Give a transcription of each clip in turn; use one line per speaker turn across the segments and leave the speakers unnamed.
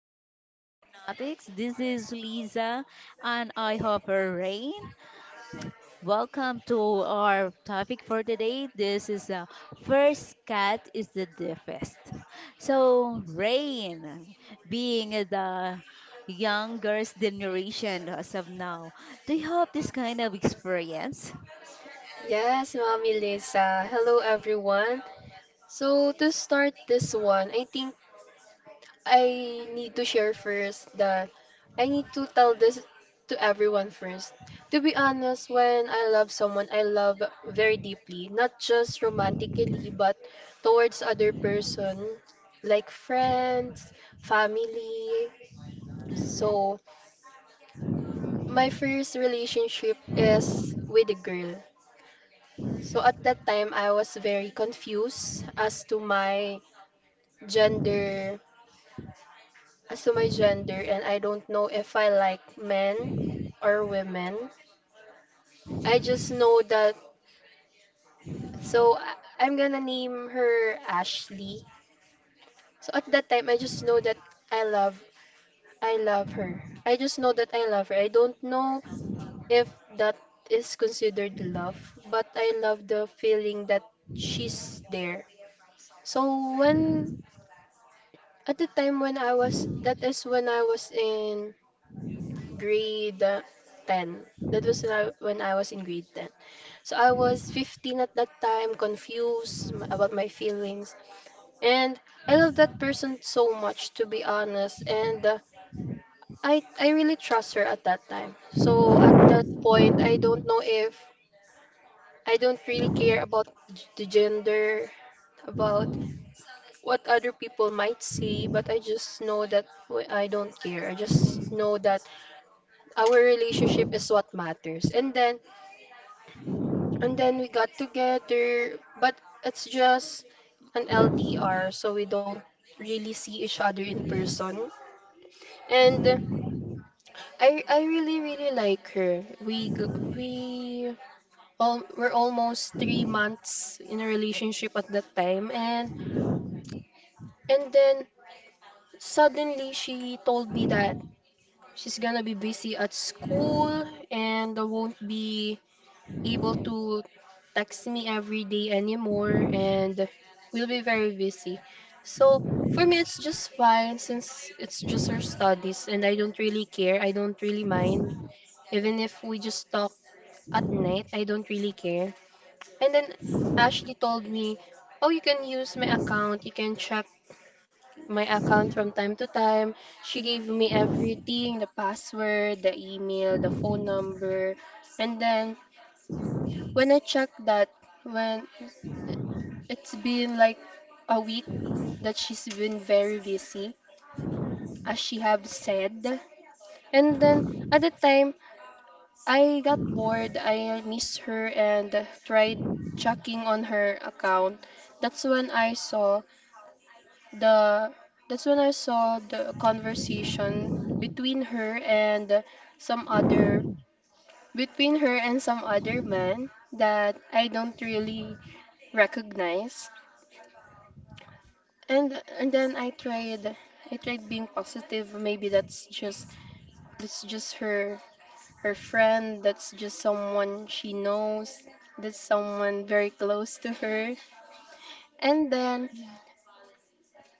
podcast fanatics. This is Lisa and I have a rain. Welcome to our topic for today. This is the first cat is the deafest. So rain being the younger generation as of now. Do you have this kind of experience?
Yes, Mommy Lisa. Hello, everyone. To start this one, I think I need to share first that I need to tell this to everyone first. To be honest, when I love someone, I love very deeply, not just romantically, but towards other person, like friends, family. So, my first relationship is with a girl. So at that time, I was very confused as to my gender, and I don't know if I like men or women. I just know that. So I- I'm gonna name her Ashley. So at that time, I just know that I love, I love her. I just know that I love her. I don't know if that is considered love, but I love the feeling that she's there. So when At the time when I was in grade 10. That was when I was in grade 10. So I was 15 at that time, about my feelings. And I love that person so much, to be honest. And I really trust her at that time. So at that point, I don't know if I don't really care about the gender, about what other people might see, but I just know that I don't care. I just know that our relationship is what matters. And then we got together, but it's just an LDR, so we don't really see each other in person. And I really really like her. We g- we all we're almost 3 months in a relationship at that time, and then suddenly she told me that she's gonna be busy at school and I won't be able to text me every day anymore and we'll be very busy. So for me it's just fine since it's just her studies and I don't really care. I don't really mind. Even if we just talk at night, I don't really care. And then Ashley told me, "Oh, you can use my account. You can check my account from time to time." She gave me everything, the password, the email, the phone number. And then when I checked that, when it's been like a week that she's been very busy, as she have said. And then at the time, I got bored. I miss her and tried checking on her account. That's when I saw the that's when I saw the conversation between her and some other between her and some other man that I don't really recognize. And and then I tried being positive. Maybe that's just her her friend. That's just someone she knows. That's someone very close to her. And then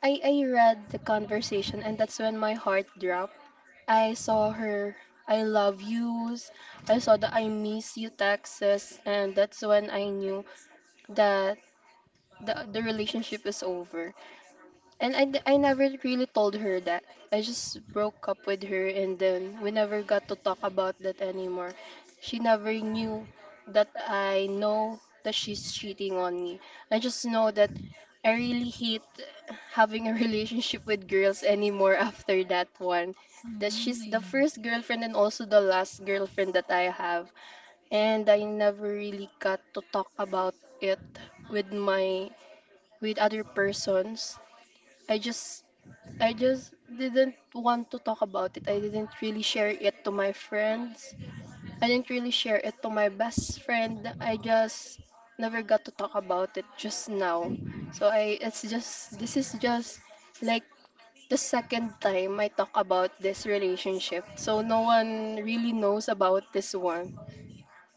I read the conversation and that's when my heart dropped. I saw her I love yous. I saw the I miss you texts, and that's when I knew that the relationship is over. I never really told her that. I just broke up with her and then we never got to talk about that anymore. She never knew that I know that she's cheating on me. I just know that I really hate having a relationship with girls anymore after that one. That she's the
Mm.
first girlfriend and also the last girlfriend that I have. And I never really got to talk about it with my with other persons. I just I just didn't want to talk about it. I didn't really share it to my friends. I didn't really share it to my best friend. I just never got to talk about it just now. So I it's just this is just like the second time I talk about this relationship. So no one really knows about this one.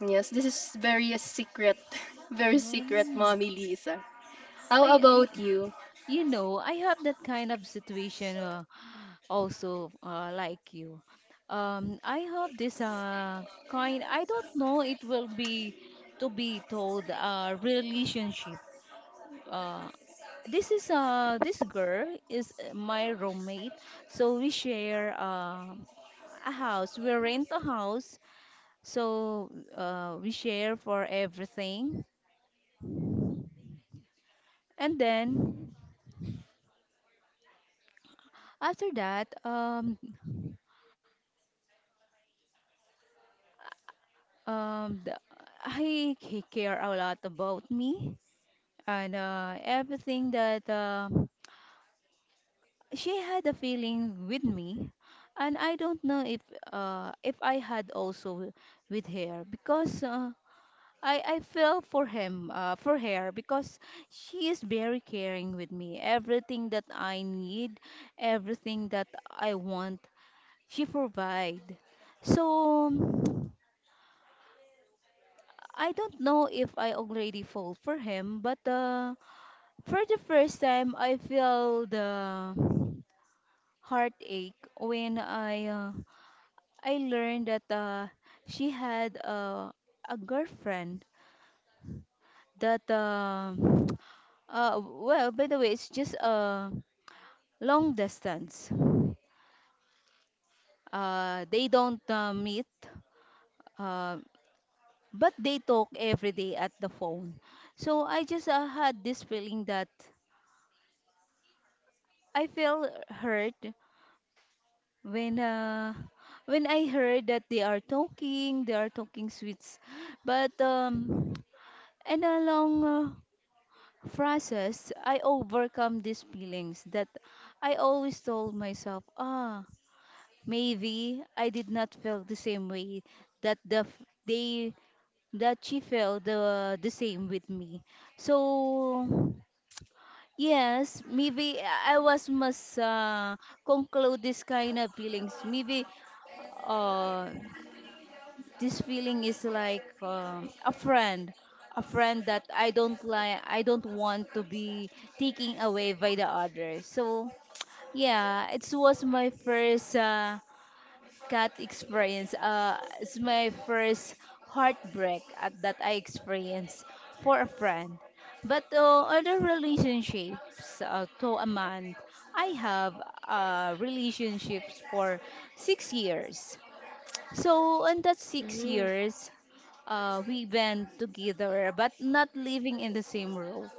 Yes, this is very secret, very secret,
Um,
Mommy Lisa. How
I,
about
I-
you?
I have that kind of situation also like you. I have this kind, I don't know it will be to be told relationship. Uh, this is this girl is my roommate, so we share a house. We rent a house, so we share for everything. And then after that, um, the, I he care a lot about me and everything that she had a feeling with me and I don't know if I had also with her because I fell for him for her because she is very caring with me, everything that I need, everything that I want she provide. So I don't know if I already fall for him but for the first time I feel the heartache when I learned that she had a girlfriend that well by the way it's just a long distance. They don't meet uh, but they talk every day at the phone. So I just had this feeling that I feel hurt when uh, when I heard that they are talking sweets but and along process, I overcome these feelings that I always told myself, ah, maybe I did not feel the same way that the f- they that she felt the same with me. So yes, maybe I was must conclude this kind of feelings. Maybe uh this feeling is like a friend, a friend that I don't like, I don't want to be taken away by the others. So yeah, it was my first cat experience. It's my first heartbreak at, that I experienced for a friend. But other relationships to a man, I have relationships for 6 years. So in that six
Mm.
years we went together, but not living in the same row.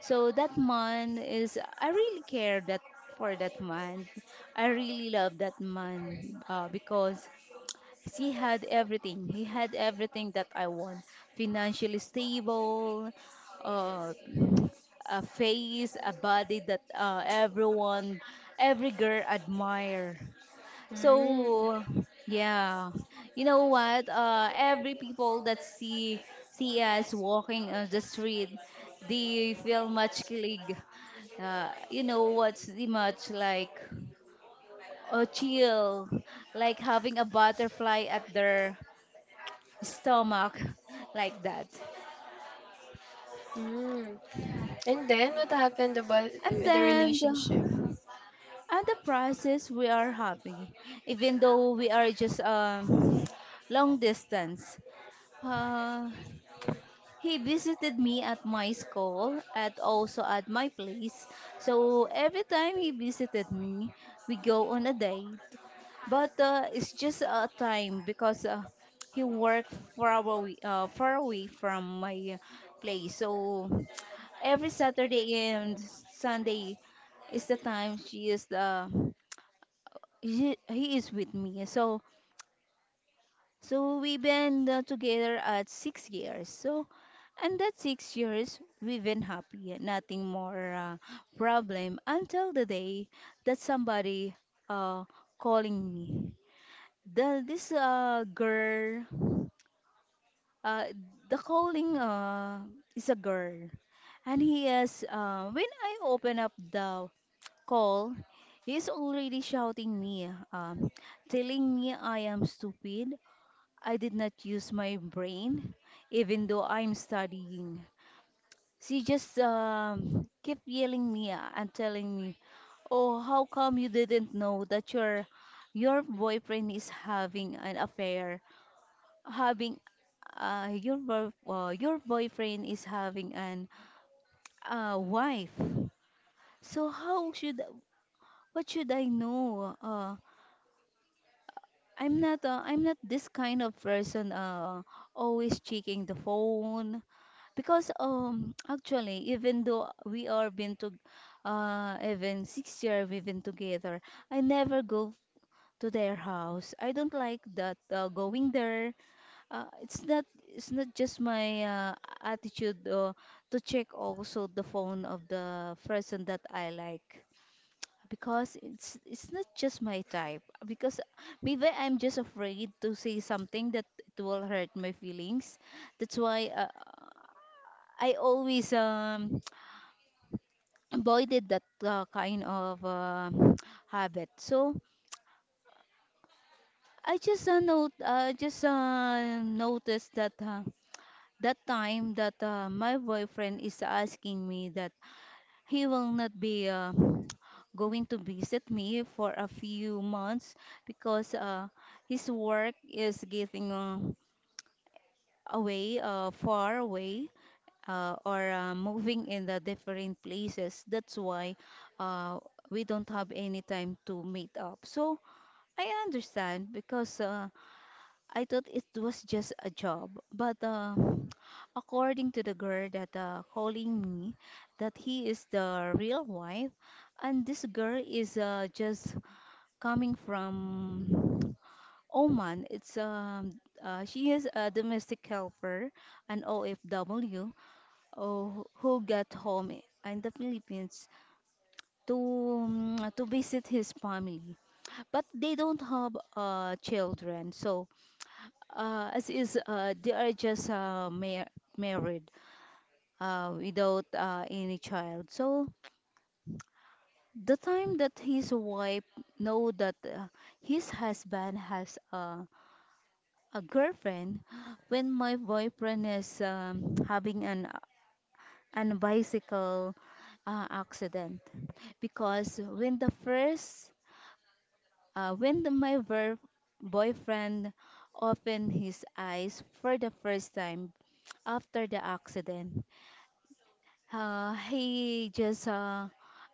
So that man is, I really care that for that man. I really love that man because he had everything. He had everything that I want. Financially stable, uh, a face, a body that everyone, every girl admire.
Mm.
So yeah, you know what? Every people that see us walking on the street, they feel much kilig. You know what's the much, like a chill, like having a butterfly at their stomach, like that.
Mm. And then what happened about
And
the
then
relationship?
the, and the process we are happy, even though we are just long distance. Uh, He visited me at my school and also at my place. So every time he visited me, we go on a date. But it's just a time because he worked far away from my place. So every Saturday and Sunday is the time she is the he is with me. So so we've been together at 6 years. So and that 6 years, we've been happy, nothing more problem until the day that somebody uh, calling me. This girl, uh, the calling is a girl. And he is, when I open up the call, he's already shouting me, telling me I am stupid. I did not use my brain, even though I'm studying. She just kept yelling me and telling me, "Oh, how come you didn't know that your boyfriend is having an affair? Having your boyfriend is having an wife. So how should, what should I know? I'm not this kind of person. Always checking the phone, because actually even though we are been to even 6 year we've been together, I never go to their house. I don't like that going there. It's not just my attitude to check also the phone of the person that I like because it's not just my type because maybe I'm just afraid to say something that it will hurt my feelings. That's why I always avoided that kind of habit. So I just note just noticed that that time that my boyfriend is asking me that he will not be going to visit me for a few months because his work is getting away, far away, or moving in the different places. That's why uh, we don't have any time to meet up. So I understand because I thought it was just a job, but according to the girl that calling me, that he is the real wife, and this girl is just coming from Oman. It's She is a domestic helper, an OFW, oh, who got home in the Philippines to visit his family, but they don't have children, so as is, they are just married without any child. So the time that his wife know that his husband has a girlfriend, when my boyfriend is having an bicycle accident, because when the first when the, my ver- boyfriend opened his eyes for the first time after the accident, he just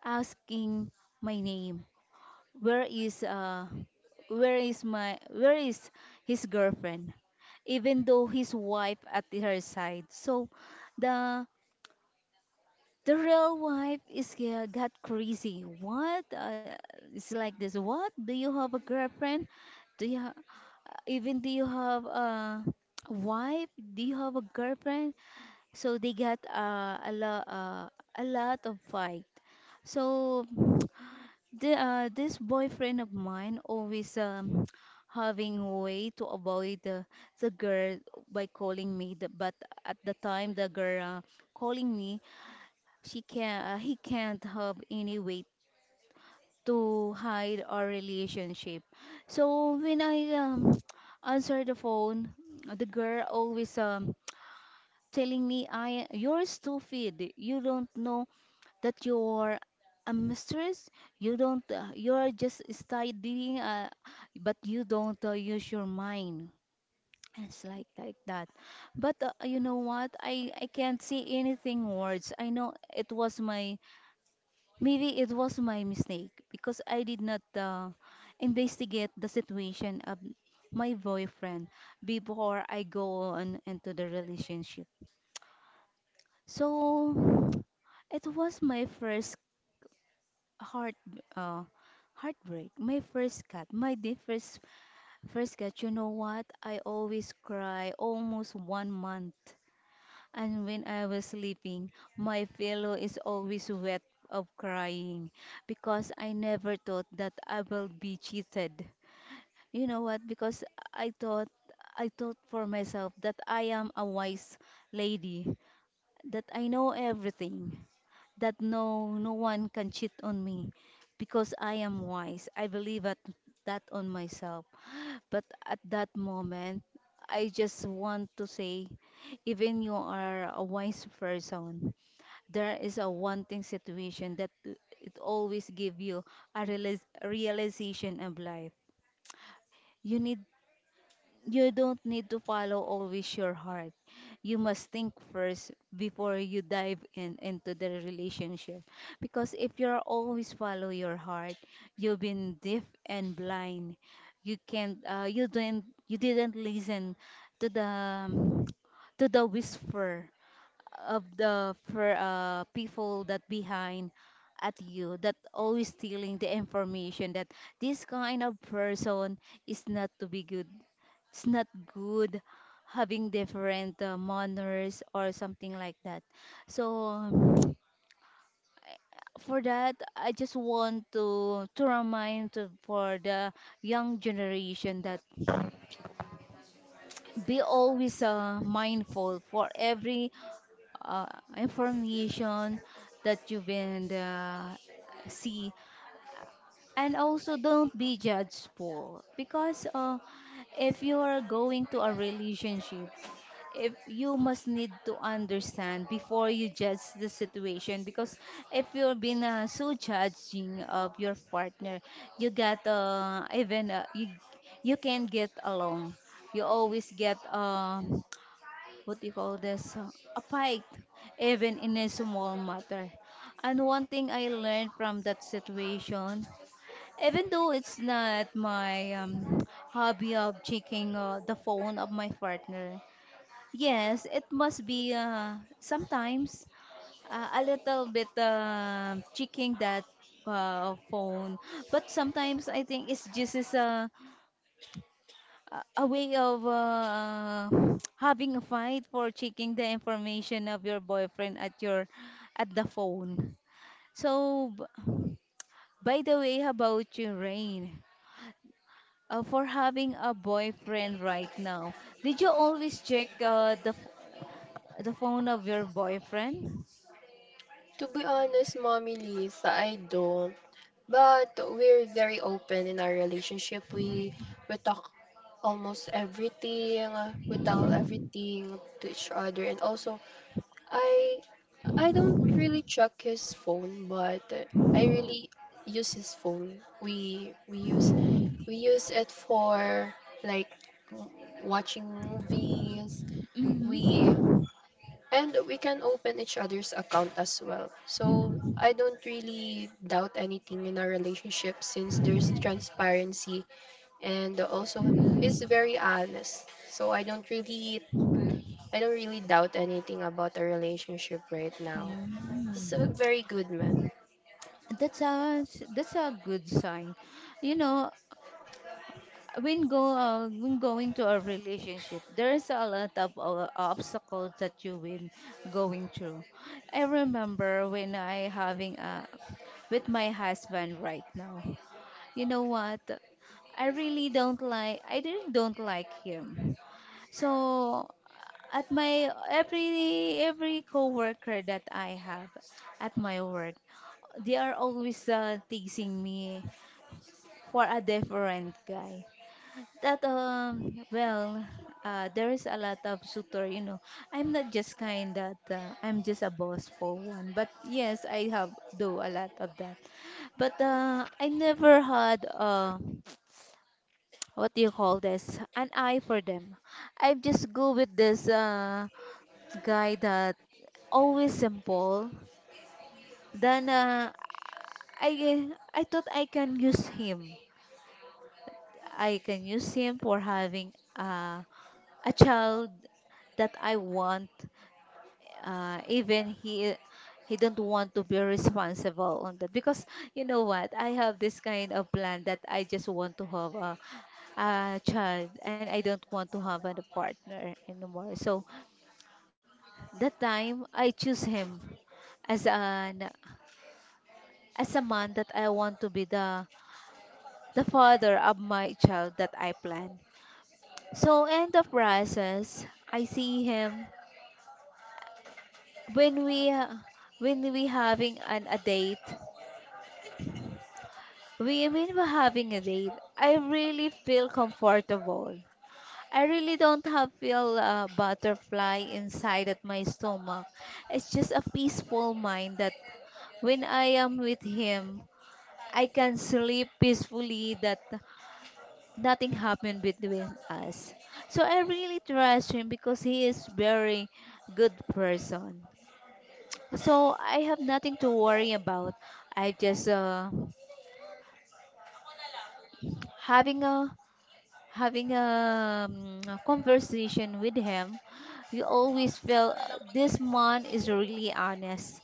asking my name. Where is where is my where is his girlfriend? Even though his wife at her side. So the the real wife is got crazy. What? It's like this. What? Do you have a girlfriend? Do you ha- Even do you have a wife? Do you have a girlfriend? So they got a lot of fight. So this boyfriend of mine always having way to avoid the girl by calling me. The, but at the time the girl calling me, she can he can't have any way to hide our relationship. So when I answer the phone, the girl always telling me I, you're stupid. You don't know that you're a mistress. You don't. You're just studying, but you don't use your mind. It's like that. But you know what? I can't say anything words. I know it was my, maybe it was my mistake because I did not investigate the situation of my boyfriend before I go on into the relationship. So it was my first heart uh, heartbreak, my first cut, my the first first cut. You know what? I always cry almost one month. And when I was sleeping, my pillow is always wet of crying because I never thought that I will be cheated. You know what? Because I thought I thought for myself that I am a wise lady, that I know everything, that no one can cheat on me because I am wise. I believe at that on myself. But at that moment, I just want to say, even you are a wise person, there is a wanting situation that it always give you a realization of life. You need you don't need to follow always your heart. You must think first before you dive in into the relationship. Because if you're always follow your heart, you've been deaf and blind. You can't you didn't listen to the, to the whisper of the for people that behind at you that always stealing the information that this kind of person is not to be good, it's not good, having different manners or something like that. So for that I just want to remind to, for the young generation that be always mindful for every uh, information that you've been see. And also don't be judgeful because if you are going to a relationship, if you must need to understand before you judge the situation because if you've been so judging of your partner, you get even you you can get along, you always get what do you call this a fight even in a small matter. And one thing I learned from that situation, even though it's not my hobby of checking the phone of my partner, yes, it must be sometimes a little bit checking that phone. But sometimes I think it's just as a way of having a fight for checking the information of your boyfriend at your, at the phone. So, by the way, how about you, Rain? For having a boyfriend right now, did you always check the phone of your boyfriend?
To be honest, Mommy Lisa, I don't. But we're very open in our relationship. We talk almost everything. We tell everything to each other. And also, I I don't really check his phone, but I really use his phone. We use it for like watching movies. We
Mm-hmm.
And we can open each other's account as well. So I don't really doubt anything in our relationship since there's transparency, and also he's very honest. So I don't really doubt anything about our relationship right now. He's a
Mm.
very good man.
That's a good sign. You know, when going to a relationship, there's a lot of obstacles that you been going through. I remember when I having a with my husband right now. You know what? I really don't like him. So at my every coworker that I have at my work, they are always teasing me for a different guy that well there is a lot of suitor, you know, I'm not just kind that I'm just a boss for one, but yes, I have do a lot of that, but I never had what do you call this, an eye for them. I just go with this guy that always simple, then i I thought I can use him. I can use him for having uh a child that I want, even he don't want to be responsible on that because, you know what, I have this kind of plan that I just want to have a child and I don't want to have a partner anymore. So that time I choose him as an as a man that I want to be the father of my child that I plan. So in the process, I see him when we ha- when we having an a date. We when we're having a date, I really feel comfortable. I really don't have feel a butterfly inside at my stomach. It's just a peaceful mind that when I am with him, I can sleep peacefully that nothing happened between us. So I really trust him because he is very good person. So I have nothing to worry about. I just having a having a conversation with him. You always feel this man is really honest.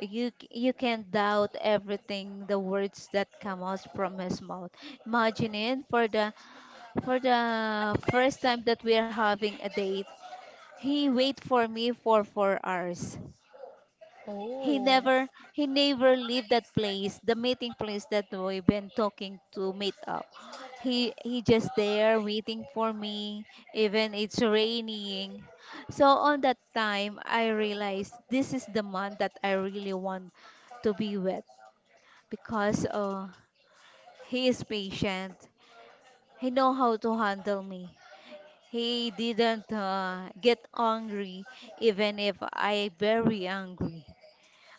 You can't doubt everything the words that come out from his mouth. Imagine it for the first time that we are having a date. He wait for me for 4 hours. he
Oh.
never He never leave that place, the meeting place that we've been talking to meet up. He he just there waiting for me, even it's raining. So on that time I realized this is the month that I really want to be with, because he is patient, he know how to handle me, he didn't get angry even if I very angry.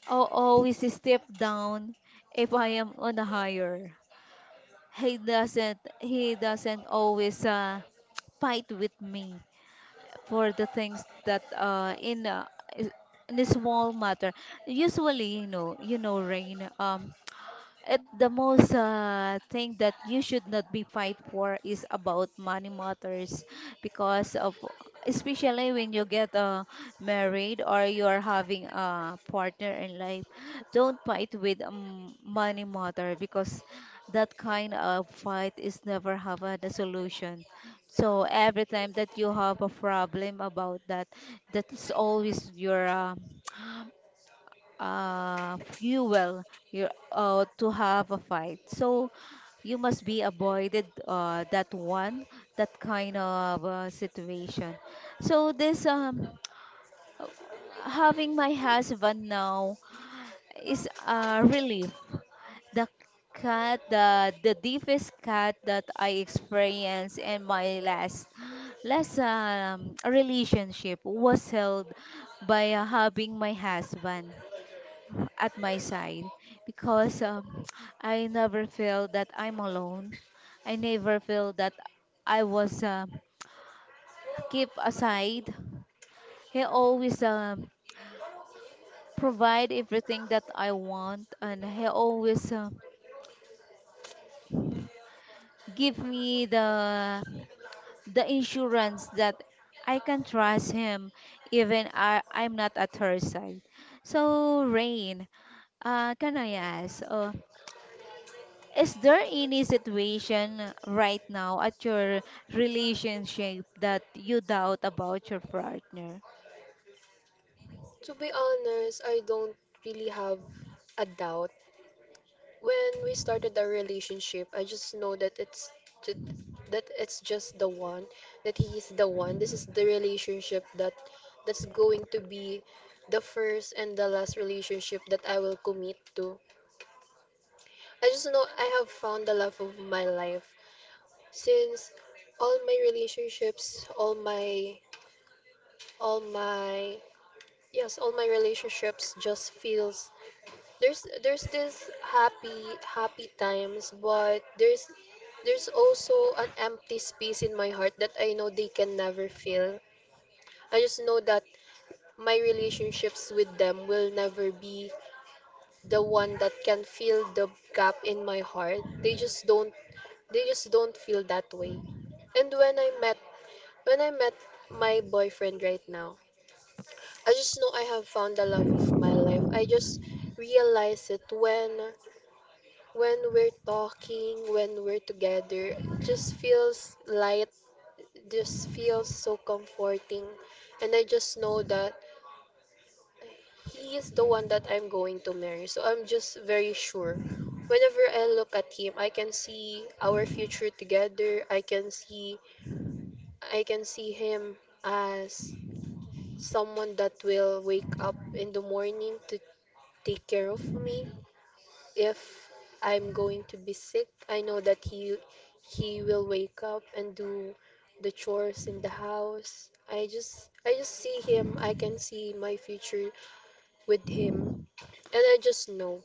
I always step down if I am on a higher. He doesn't always fight with me for the things that is- in a small matter. Usually, you know, Rain, the most thing that you should not be fight for is about money matters, because of, especially when you get married or you are having a partner in life, don't fight with money matter, because that kind of fight is never have a solution. So every time that you have a problem about that, that is always your fuel, to have a fight. So you must be avoided that one, that kind of situation. So this having my husband now is a relief. The the deepest cut that I experienced in my last relationship was held by having my husband at my side, because I never feel that I'm alone. I never feel that I was kept aside. He always provide everything that I want, and he always give me the insurance that I can trust him even I'm not at her side. So Rain, can I ask? Is there any situation right now at your relationship that you doubt about your partner?
To be honest, I don't really have a doubt. When we started our relationship, I just know that just, that it's just the one, that he is the one. This is the relationship that that's going to be the first and the last relationship that I will commit to. I just know I have found the love of my life since all my relationships, all my yes, all my relationships just feels there's this happy happy times but there's also an empty space in my heart that I know they can never fill. I just know that my relationships with them will never be the one that can fill the gap in my heart. They just don't feel that way. And when I met my boyfriend right now, I just know I have found the love of my life. I just realized it when we're talking, when we're together, just feels light, just feels so comforting. And I just know that he is the one that I'm going to marry. So I'm just very sure. Whenever I look at him, I can see our future together. I can see him as someone that will wake up in the morning to take care of me, if I'm going to be sick, I know that he will wake up and do the chores in the house. I just see him. I can see my future with him, and I just know.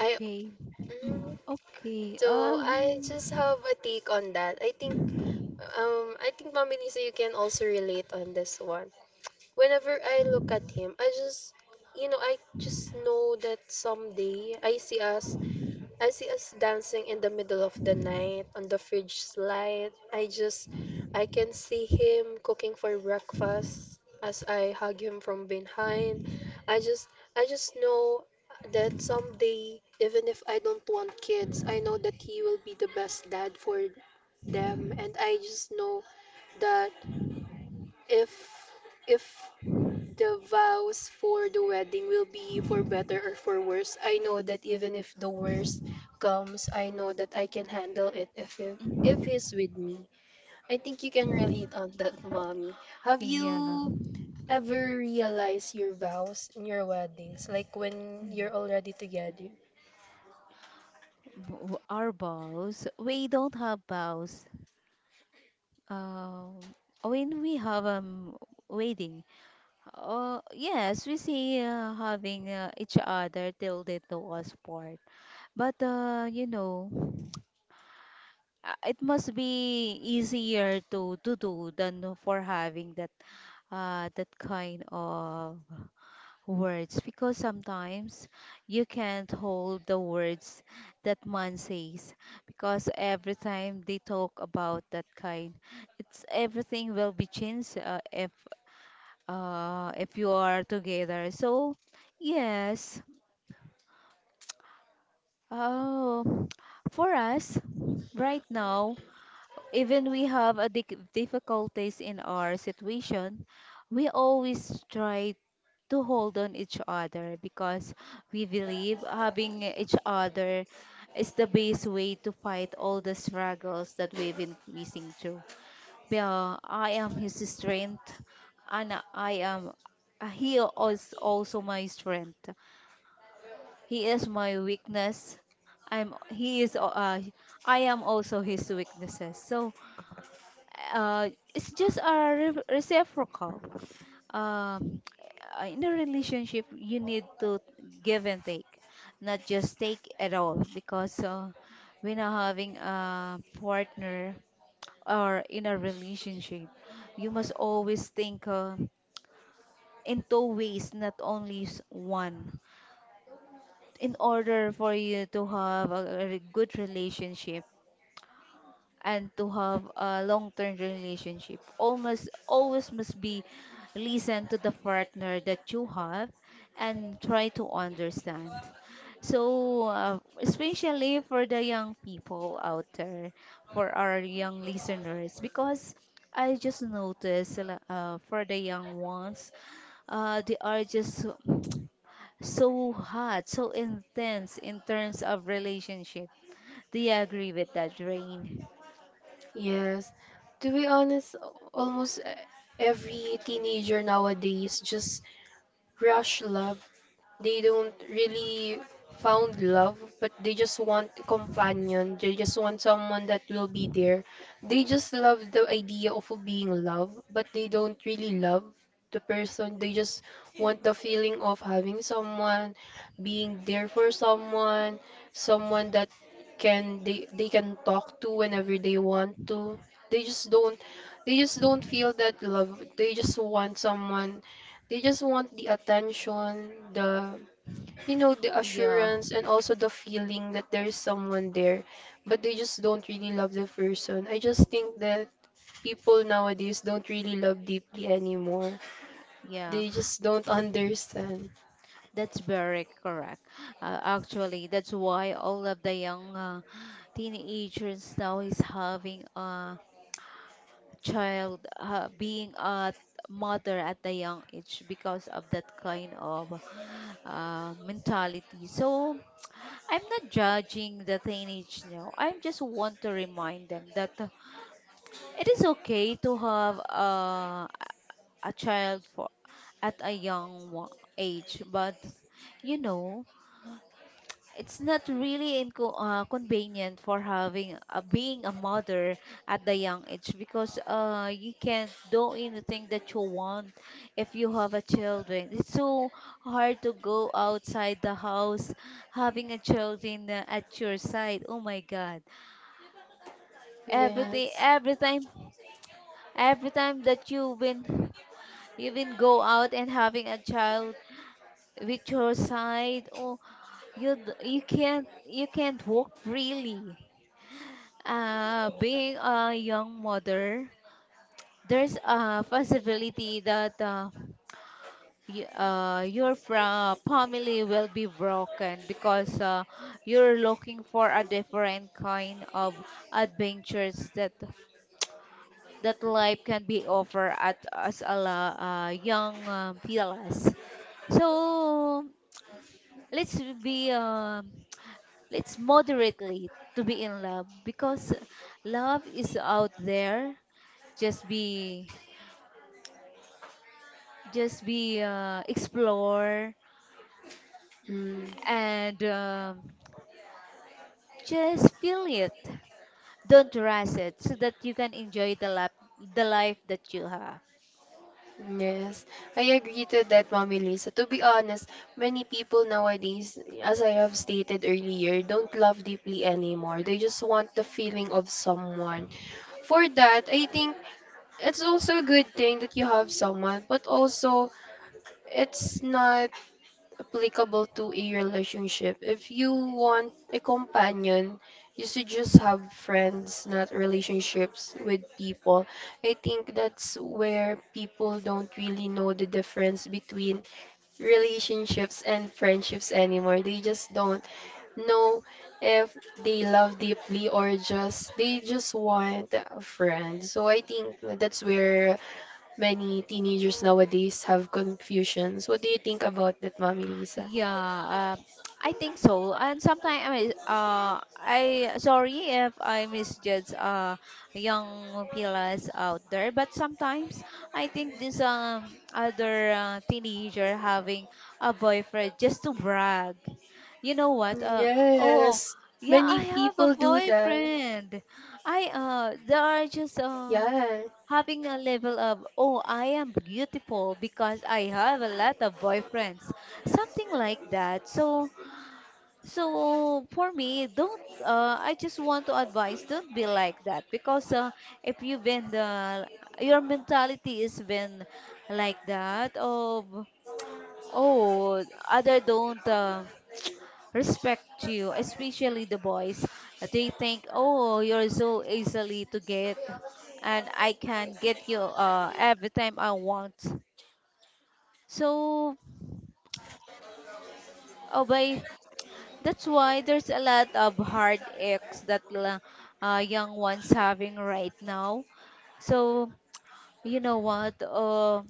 I mm,
Mm. Okay.
so I just have a take on that. I think Mami Lisa, you can also relate on this one. Whenever I look at him, I just know that someday I see us dancing in the middle of the night on the fridge light. I can see him cooking for breakfast as I hug him from behind. I just, I just know that someday, even if I don't want kids, I know that he will be the best dad for them. And I just know that if, if the vows for the wedding will be for better or for worse. I know that even if the worst comes, I know that I can handle it if
Mm,
he's with me. I think you can relate on that, mommy. Have
yeah.
you ever realized your vows in your weddings, like when you're already together?
Our vows, we don't have vows. Um, when we have wedding, yes, we see having each other till they know us part. But you know, it must be easier to do than for having that that kind of words, because sometimes you can't hold the words that man says, because every time they talk about that kind, it's everything will be changed if you are together. So yes, oh, for us right now, even we have a dic difficulties in our situation, we always try to hold on each other, because we believe having each other is the best way to fight all the struggles that we've been facing through. Yeah, I am his strength, and I am he is also my strength. He is my weakness. I'm he is I am also his weaknesses. So it's just a re reciprocal. Um, in a relationship, you need to give and take, not just take at all, because when you're having a partner or in a relationship, you must always think in two ways, not only one. In order for you to have a good relationship, and to have a long-term relationship, almost always must be listen to the partner that you have and try to understand. So especially for the young people out there, for our young listeners, because I just noticed for the young ones, they are just so hot, so intense in terms of relationship. Do you agree with that, Rain?
Yes. To be honest, almost every teenager nowadays just rush love. They don't really found love, but they just want a companion. They just want someone that will be there. They just love the idea of being loved, but they don't really love the person. They just want the feeling of having someone, being there for someone, someone that can they can talk to whenever they want to. They just don't they just don't feel that love. They just want someone. They just want the attention, the you know the
Yeah.
assurance and also the feeling that there is someone there, but they just don't really love the person. I just think that people nowadays don't really love deeply anymore.
Yeah,
They just don't understand.
that's very correct. Actually, that's why all of the young teenagers now is having a child, being a mother at the young age because of that kind of mentality. So I'm not judging the teenage now. I just want to remind them that it is okay to have a child for at a young age, but you know it's not really convenient for having being a mother at the young age, because you can't do anything that you want if you have a children. It's so hard to go outside the house having a children at your side. Oh my God! Everything,
Yes.
every time that you've been go out and having a child with your side. Oh, you can't walk freely. Being a young mother, there's a possibility that y your fra family will be broken, because you're looking for a different kind of adventures that that life can be offer at as a young fellas. So let's be let's moderately to be in love, because love is out there. Just be just be explore,
Mm,
and just feel it, don't rush it, so that you can enjoy the life that you have.
yes, I agree to that, Mommy Lisa. To be honest, many people nowadays, as I have stated earlier, don't love deeply anymore. They just want the feeling of someone. For that, I think it's also a good thing that you have someone, but also it's not applicable to a relationship. If you want a companion, you should just have friends, not relationships with people. I think that's where people don't really know the difference between relationships and friendships anymore. They just don't know if they love deeply or just they just want a friend. So I think that's where many teenagers nowadays have confusions. What do you think about that, Mommy Lisa?
Yeah, I think so. And sometimes, I sorry if I misjudge young pilas out there, but sometimes I think this other teenager having a boyfriend just to brag. You know what? Oh,
Yes,
yeah,
many
I have a
people do that.
boyfriend. I They are just
Yeah,
having a level of, oh, I am beautiful because I have a lot of boyfriends, something like that. So, so for me, don't, I just want to advise, don't be like that, because if you've been your mentality is been like that of, oh, other don't respect you, especially the boys. They think, oh, you're so easily to get, and I can get you every time I want. So, oh, boy, that's why there's a lot of heartaches that young ones having right now. So, you know what?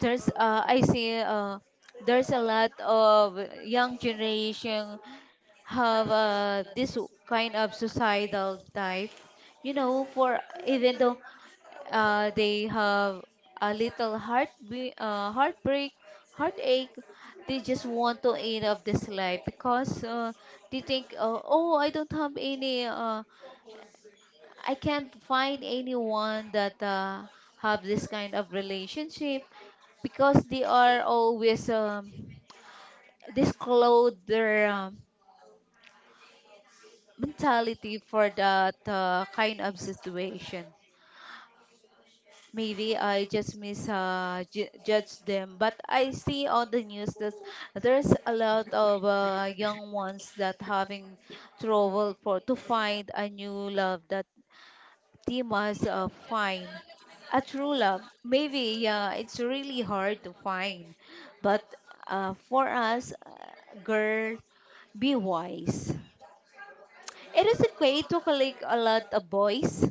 There's I see there's a lot of young generation have this kind of societal type, you know, for even though they have a little heartbreak, heartache, they just want to end of this life, because they think, oh, I don't have any, I can't find anyone that have this kind of relationship, because they are always disclose their mentality for that kind of situation. Maybe I just miss judge them, but I see on the news that there's a lot of young ones that having trouble for to find a new love that they must find a true love. Maybe yeah, it's really hard to find, but for us, girl, be wise. It is okay to collect a lot of boys,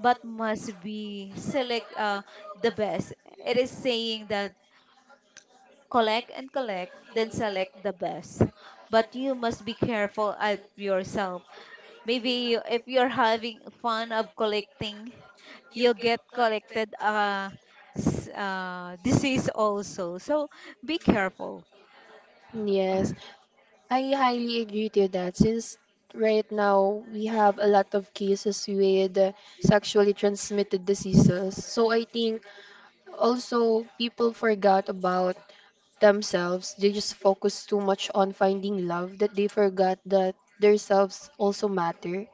but must be select the best. It is saying that collect and collect, then select the best. But you must be careful of yourself. Maybe if you're having fun of collecting, you'll get collected disease also. So be careful.
yes. I highly agree to that since right now we have a lot of cases with sexually transmitted diseases. So I think also, people forgot about themselves. They just focus too much on finding love that they forgot that themselves also matter.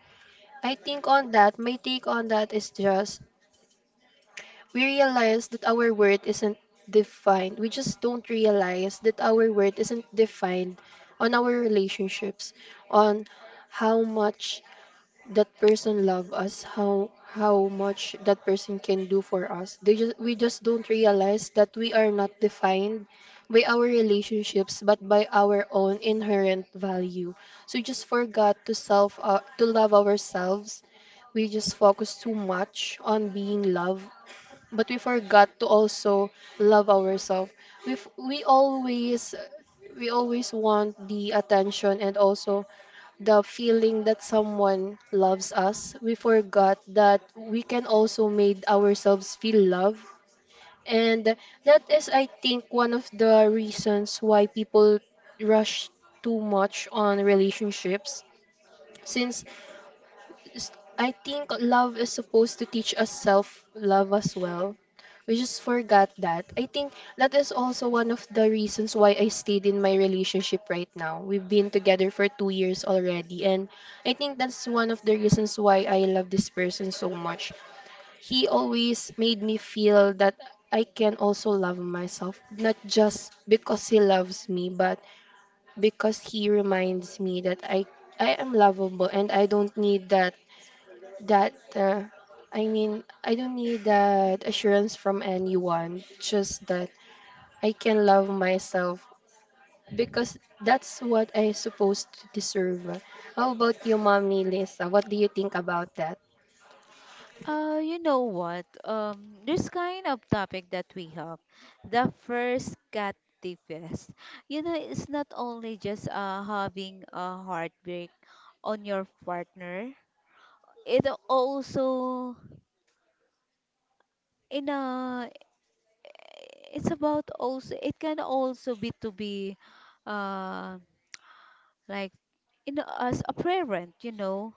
I think on that, my take on that is just we realize that our worth isn't defined. We just don't realize that our worth isn't defined on our relationships, on how much that person love us, how much that person can do for us. They just We just don't realize that we are not defined by our relationships but by our own inherent value. So we just forgot to self to love ourselves. We just focus too much on being loved, but we forgot to also love ourselves. we f- we always we always want the attention, and also the feeling that someone loves us. We forgot that we can also made ourselves feel love. And that is, I think, one of the reasons why people rush too much on relationships. Since s- I think love is supposed to teach us self love as well. We just forgot that. I think that is also one of the reasons why I stayed in my relationship right now. We've been together for 2 years already, and I think that's one of the reasons why I love this person so much. He always made me feel that I can also love myself, not just because he loves me, but because he reminds me that I am lovable, and I don't need that. I mean, I don't need that assurance from anyone, just that I can love myself, because that's what I supposed to deserve. How about you, Mommy Lisa? What do you think about that?
You know what? This kind of topic that we have, the first cat fest. You know, it's not only just having a heartbreak on your partner. It also in a it's about also it can also be to be uh like in as a parent, you know,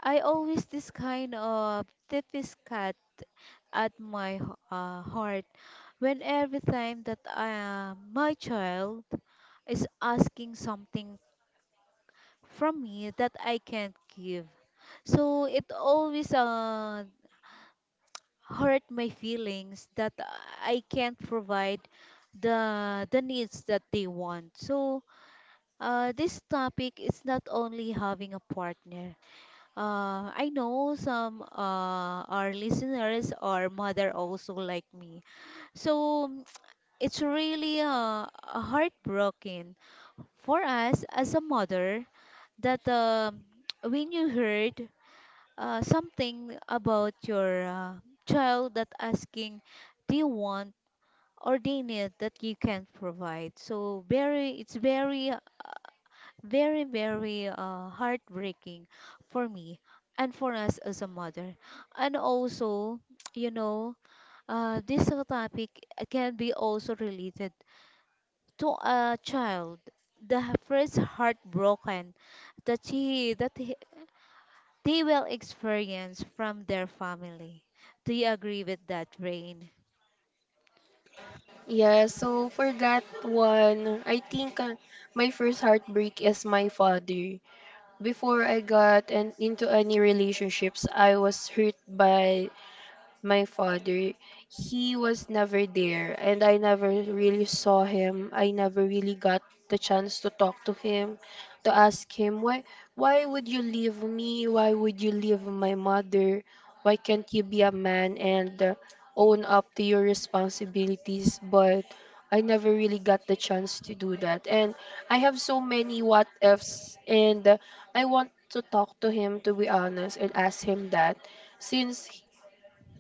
I always this kind of deepest cut at my heart when every time that my child is asking something from me that I can't give. So it always hurt my feelings that I can't provide the needs that they want. So this topic is not only having a partner. I know some our listeners or mother also like me. So it's really heartbroken for us as a mother that when you heard something about your child that asking they want or they need that you can't provide so very it's very, very, very heartbreaking for me and for us as a mother. And also, you know, this topic can be also related to a child, the first heartbroken that he, they will experience from their family. Do you agree with that, Rain?
Yeah, so for that one, I think my first heartbreak is my father. Before I got into any relationships, I was hurt by my father. He was never there, and I never really saw him. I never really got the chance to talk to him, to ask him why would you leave me? Why would you leave my mother? Why can't you be a man and own up to your responsibilities? But I never really got the chance to do that. And I have so many what ifs, and I want to talk to him, to be honest, and ask him that. Since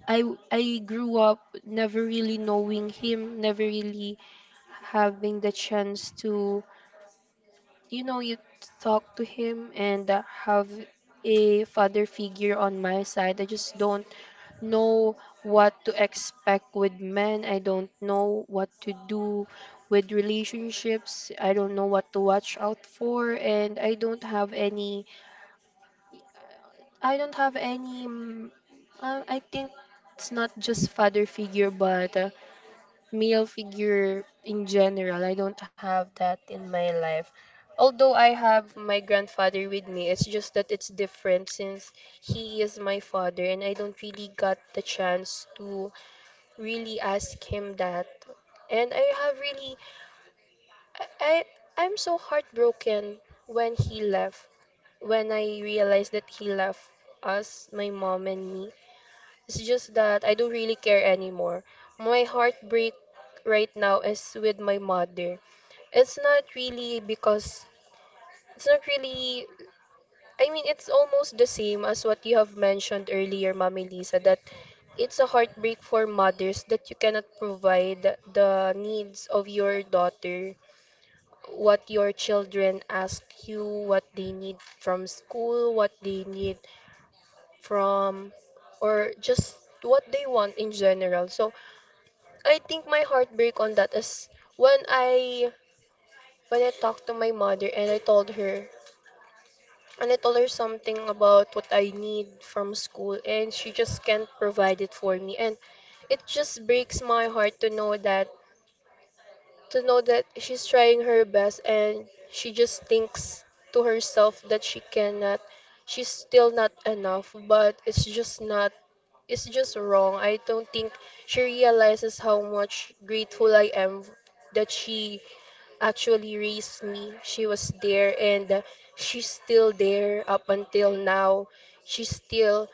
I grew up never really knowing him, never really having the chance to, you know, you talk to him and have a father figure on my side, I just don't know what to expect with men. I don't know what to do with relationships. I don't know what to watch out for, and I don't have any. I don't have any. mm, I think it's not just father figure, but. Male figure in general. I don't have that in my life. Although I have my grandfather with me, it's just that it's different, since he is my father and I don't really got the chance to really ask him that. And I have really I I- I'm so heartbroken when he left. When I realized that he left us, my mom and me. It's just that I don't really care anymore. My heartbreak right now is with my mother. It's not really because it's not really. I mean, it's almost the same as what you have mentioned earlier, Mami Lisa, that it's a heartbreak for mothers that you cannot provide the needs of your daughter, what your children ask you, what they need from school, what they need from, or just what they want in general. So I think my heartbreak on that is when I when I talked to my mother, and I told her something about what I need from school, and she just can't provide it for me. And it just breaks my heart to know that, she's trying her best, and she just thinks to herself that she's still not enough. But it's just not it's just wrong. I don't think she realizes how much grateful I am that she actually raised me. She was there, and she's still there up until now. She's still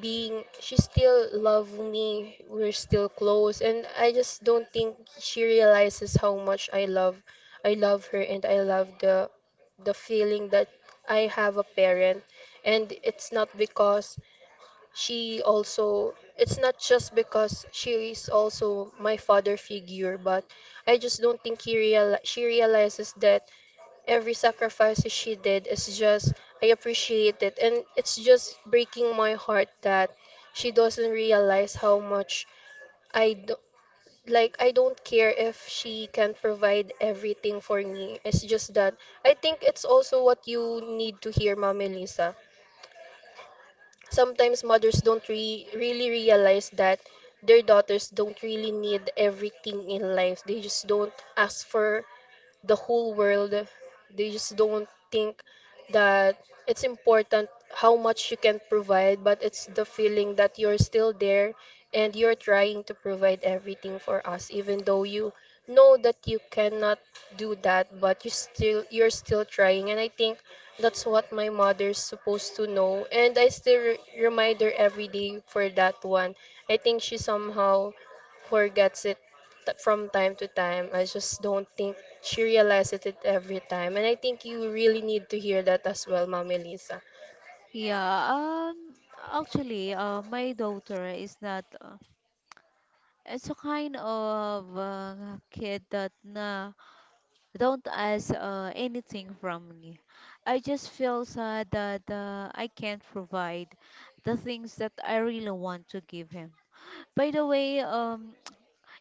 she still love me. We're still close, and I just don't think she realizes how much I love her, and I love the feeling that I have a parent. And it's not because she also it's not just because she is also my father figure, but I just don't think he real she realizes that every sacrifice she did is just, I appreciate it. And it's just breaking my heart that she doesn't realize how much I do. Like, I don't care if she can provide everything for me. It's just that I think it's also what you need to hear, Mommy Lisa. Sometimes mothers don't really realize that their daughters don't really need everything in life. They just don't ask for the whole world. They just don't think that it's important how much you can provide, but it's the feeling that you're still there, and you're trying to provide everything for us, even though you know that you cannot do that, but you're still trying. And I think that's what my mother's supposed to know. And I still remind her every day for that one. I think she somehow forgets it that from time to time. I just don't think she realizes it every time. And I think you really need to hear that as well, Mommy Lisa.
Yeah, actually, my daughter is not. It's a kind of kid that don't ask anything from me. I just feel sad that I can't provide the things that I really want to give him. By the way,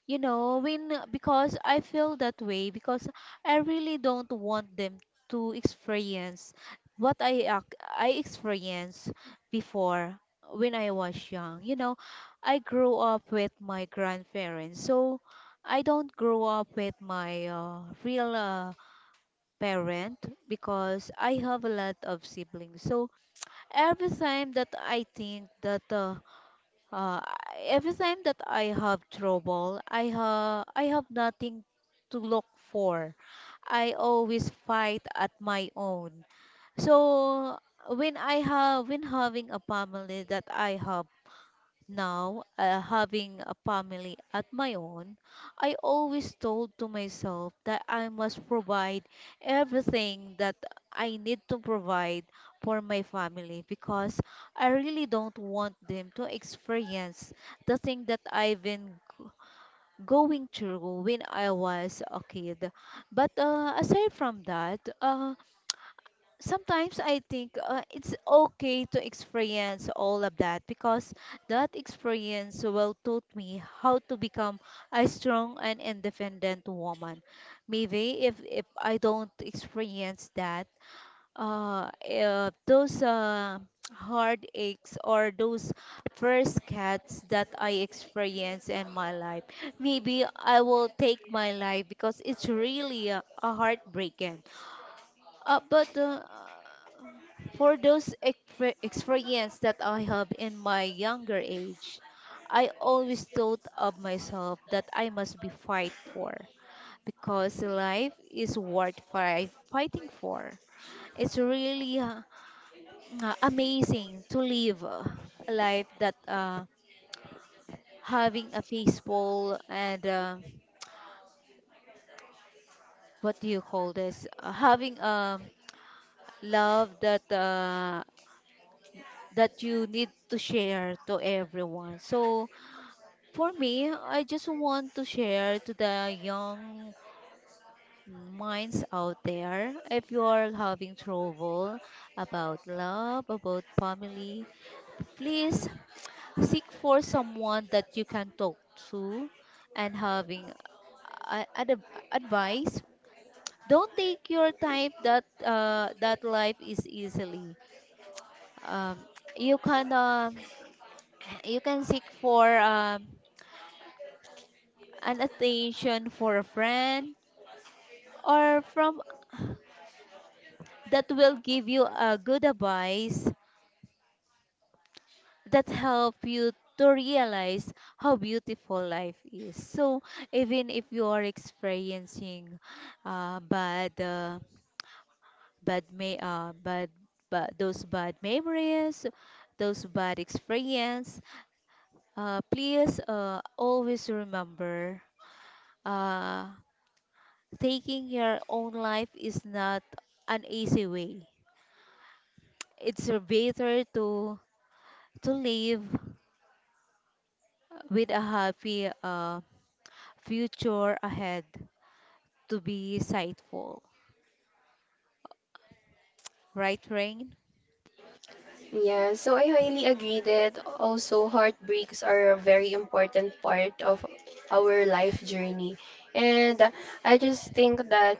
you know, when because I feel that way because I really don't want them to experience what I experienced before when I was young. You know, I grew up with my grandparents, so I don't grow up with my real parent because I have a lot of siblings. So every time that I think that uh, every time that I have trouble, I have nothing to look for. I always fight at my own. So when I have when having a family that I have now, having a family at my own, I always told to myself that I must provide everything that I need to provide for my family because I really don't want them to experience the thing that going through when I was a kid. But aside from that, sometimes I think it's okay to experience all of that because that experience will taught me how to become a strong and independent woman. Maybe if I don't experience that, those heartaches or those first cuts that I experience in my life, maybe I will take my life because it's really a heartbreaking but for those experience that I have in my younger age, I always thought of myself that I must be fight for because life is worth fighting for. It's really amazing to live a life that having a peaceful and what do you call this? Having a love that that you need to share to everyone. So for me, I just want to share to the young minds out there if you are having trouble about love, about family, please seek for someone that you can talk to and having a- ad- advice don't take your time that that life is easily um, you can you can seek for an attention for a friend or from that will give you a good advice that help you to realize how beautiful life is. So even if you are experiencing uh, bad uh, bad but those bad memories, those bad experience, please always remember uh, taking your own life is not an easy way. It's better to live with a happy future ahead to be sightful. Right, Rain?
Yeah, so I highly agree that also heartbreaks are a very important part of our life journey. And I just think that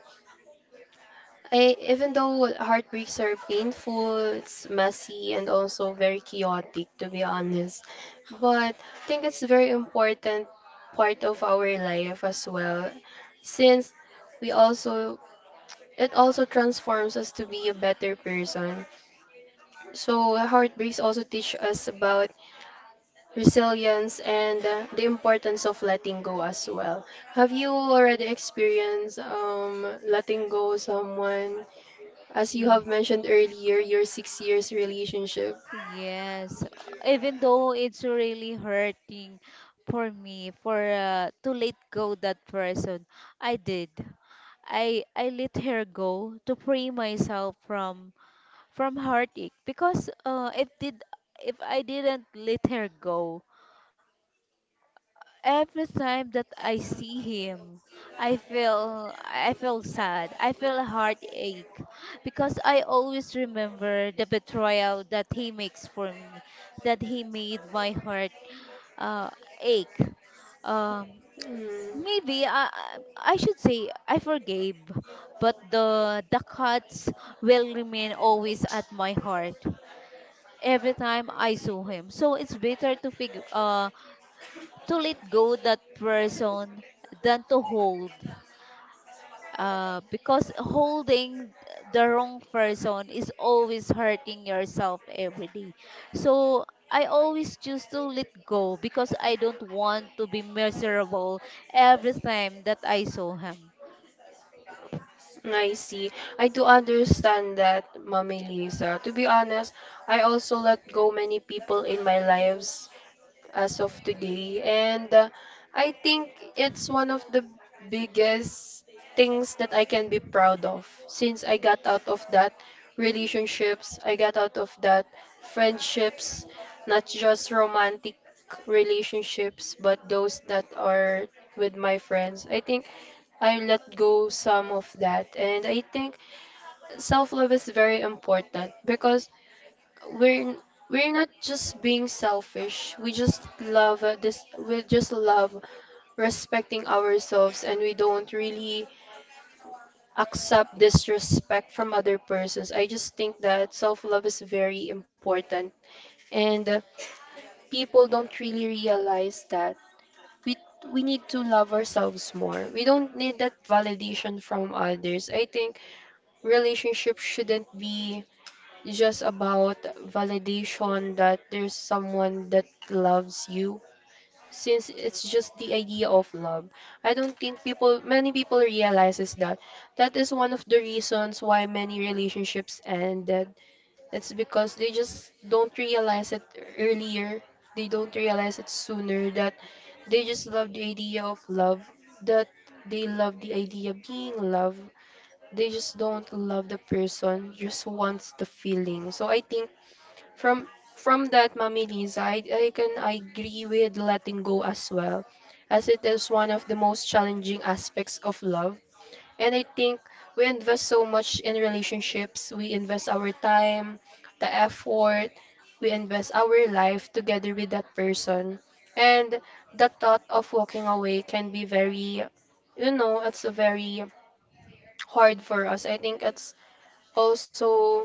even though heartbreaks are painful, it's messy and also very chaotic, to be honest. But I think it's very important part of our life as well, since we also it also transforms us to be a better person. So heartbreaks also teach us about resilience and the importance of letting go as well. Have you already experienced letting go someone? As you
Ye-
have mentioned earlier, your 6 years relationship.
Yes, even though it's really hurting for me for to let go that person, I did. I let her go to free myself from heartache because it did if I didn't let her go every time that I see him I feel sad, I feel heartache because I always remember the betrayal that he makes for me, that he made my heart uh, ache. um
Mm.
Maybe I should say I forgave but the cuts will remain always at my heart every time I saw him. So it's better to figure to let go that person than to hold. Because holding the wrong person is always hurting yourself every day. So I always choose to let go because I don't want to be miserable every time that I saw him.
I see. I do understand that, Mommy Lisa. To be honest, I also let go many people in my lives as of today. And I think it's one of the biggest things that I can be proud of, since I got out of that relationships, I got out of that friendships, not just romantic relationships, but those that are with my friends. I think I let go some of that, and I think self-love is very important, because we're we're not just being selfish. We just love this. We just love respecting ourselves, and we don't really accept disrespect from other persons. I just think that self love is very important, and people don't really realize that we we need to love ourselves more. We don't need that validation from others. I think relationship shouldn't be just about validation that there's someone that loves you, since it's just the idea of love. I don't think people Many people realizes that that is one of the reasons why many relationships ended. It's because they just don't realize it earlier, they don't realize it sooner, that they just love the idea of love, that they love the idea of being loved. They just don't love the person, just wants the feeling. So I think from from that mamili side, I can agree with letting go as well, as it is one of the most challenging aspects of love. And I think we invest so much in relationships. We invest our time, the effort, we invest our life together with that person. And the thought of walking away can be very, you know, it's a very hard for us. I think it's also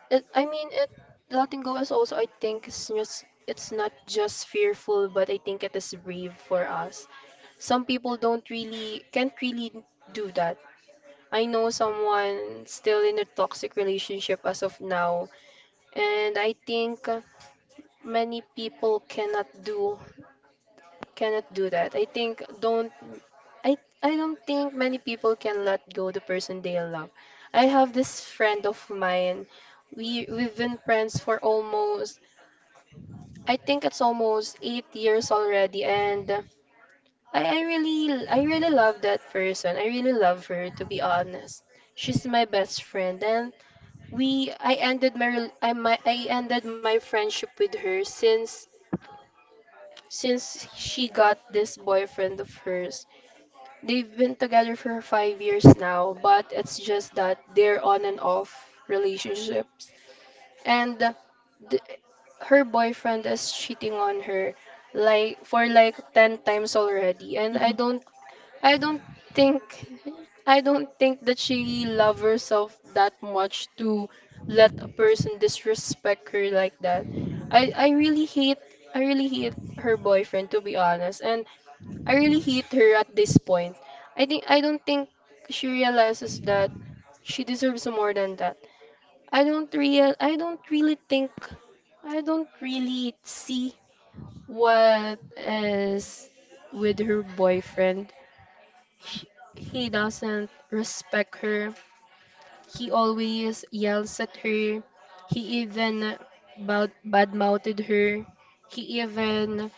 I mean, it, letting go is also, I think, it's just, it's not just fearful, but I think it is brave for us. Some people don't really can't really do that. I know someone still in a toxic relationship as of now, and I think many people cannot do, cannot do that. I think don't I I don't think many people can let go the person they love. I have this friend of mine. We've been friends for almost, I think it's almost 8 years already, and I really love that person. I really love her, to be honest. She's my best friend, and we, I ended my, rel- I, my, I ended my friendship with her since she got this boyfriend of hers. They've been together for 5 years now, but it's just that they're on and off relationships. and th- Her boyfriend is cheating on her like, for like 10 times already, and
Mhm.
I don't think, I don't think that she loves herself that much to let a person disrespect her like that. I really hate, I really hate her boyfriend, to be honest, and I really hate her at this point. I don't think she realizes that she deserves more than that. I don't really think, I don't really see what is with her boyfriend. He, he doesn't respect her. He always yells at her. He even bad-mouthed her. He even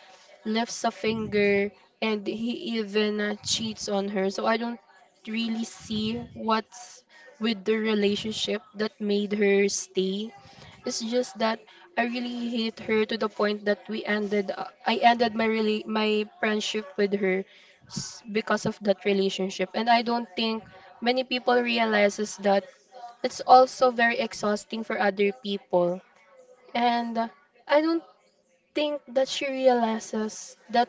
lifts a finger and he even cheats on her. So I don't really see what's with the relationship that made her stay. It's just that I really hate her to the point that we ended I ended my really my friendship with her because of that relationship. And I don't think many people realizes that it's also very exhausting for other people. And I don't think that she realizes that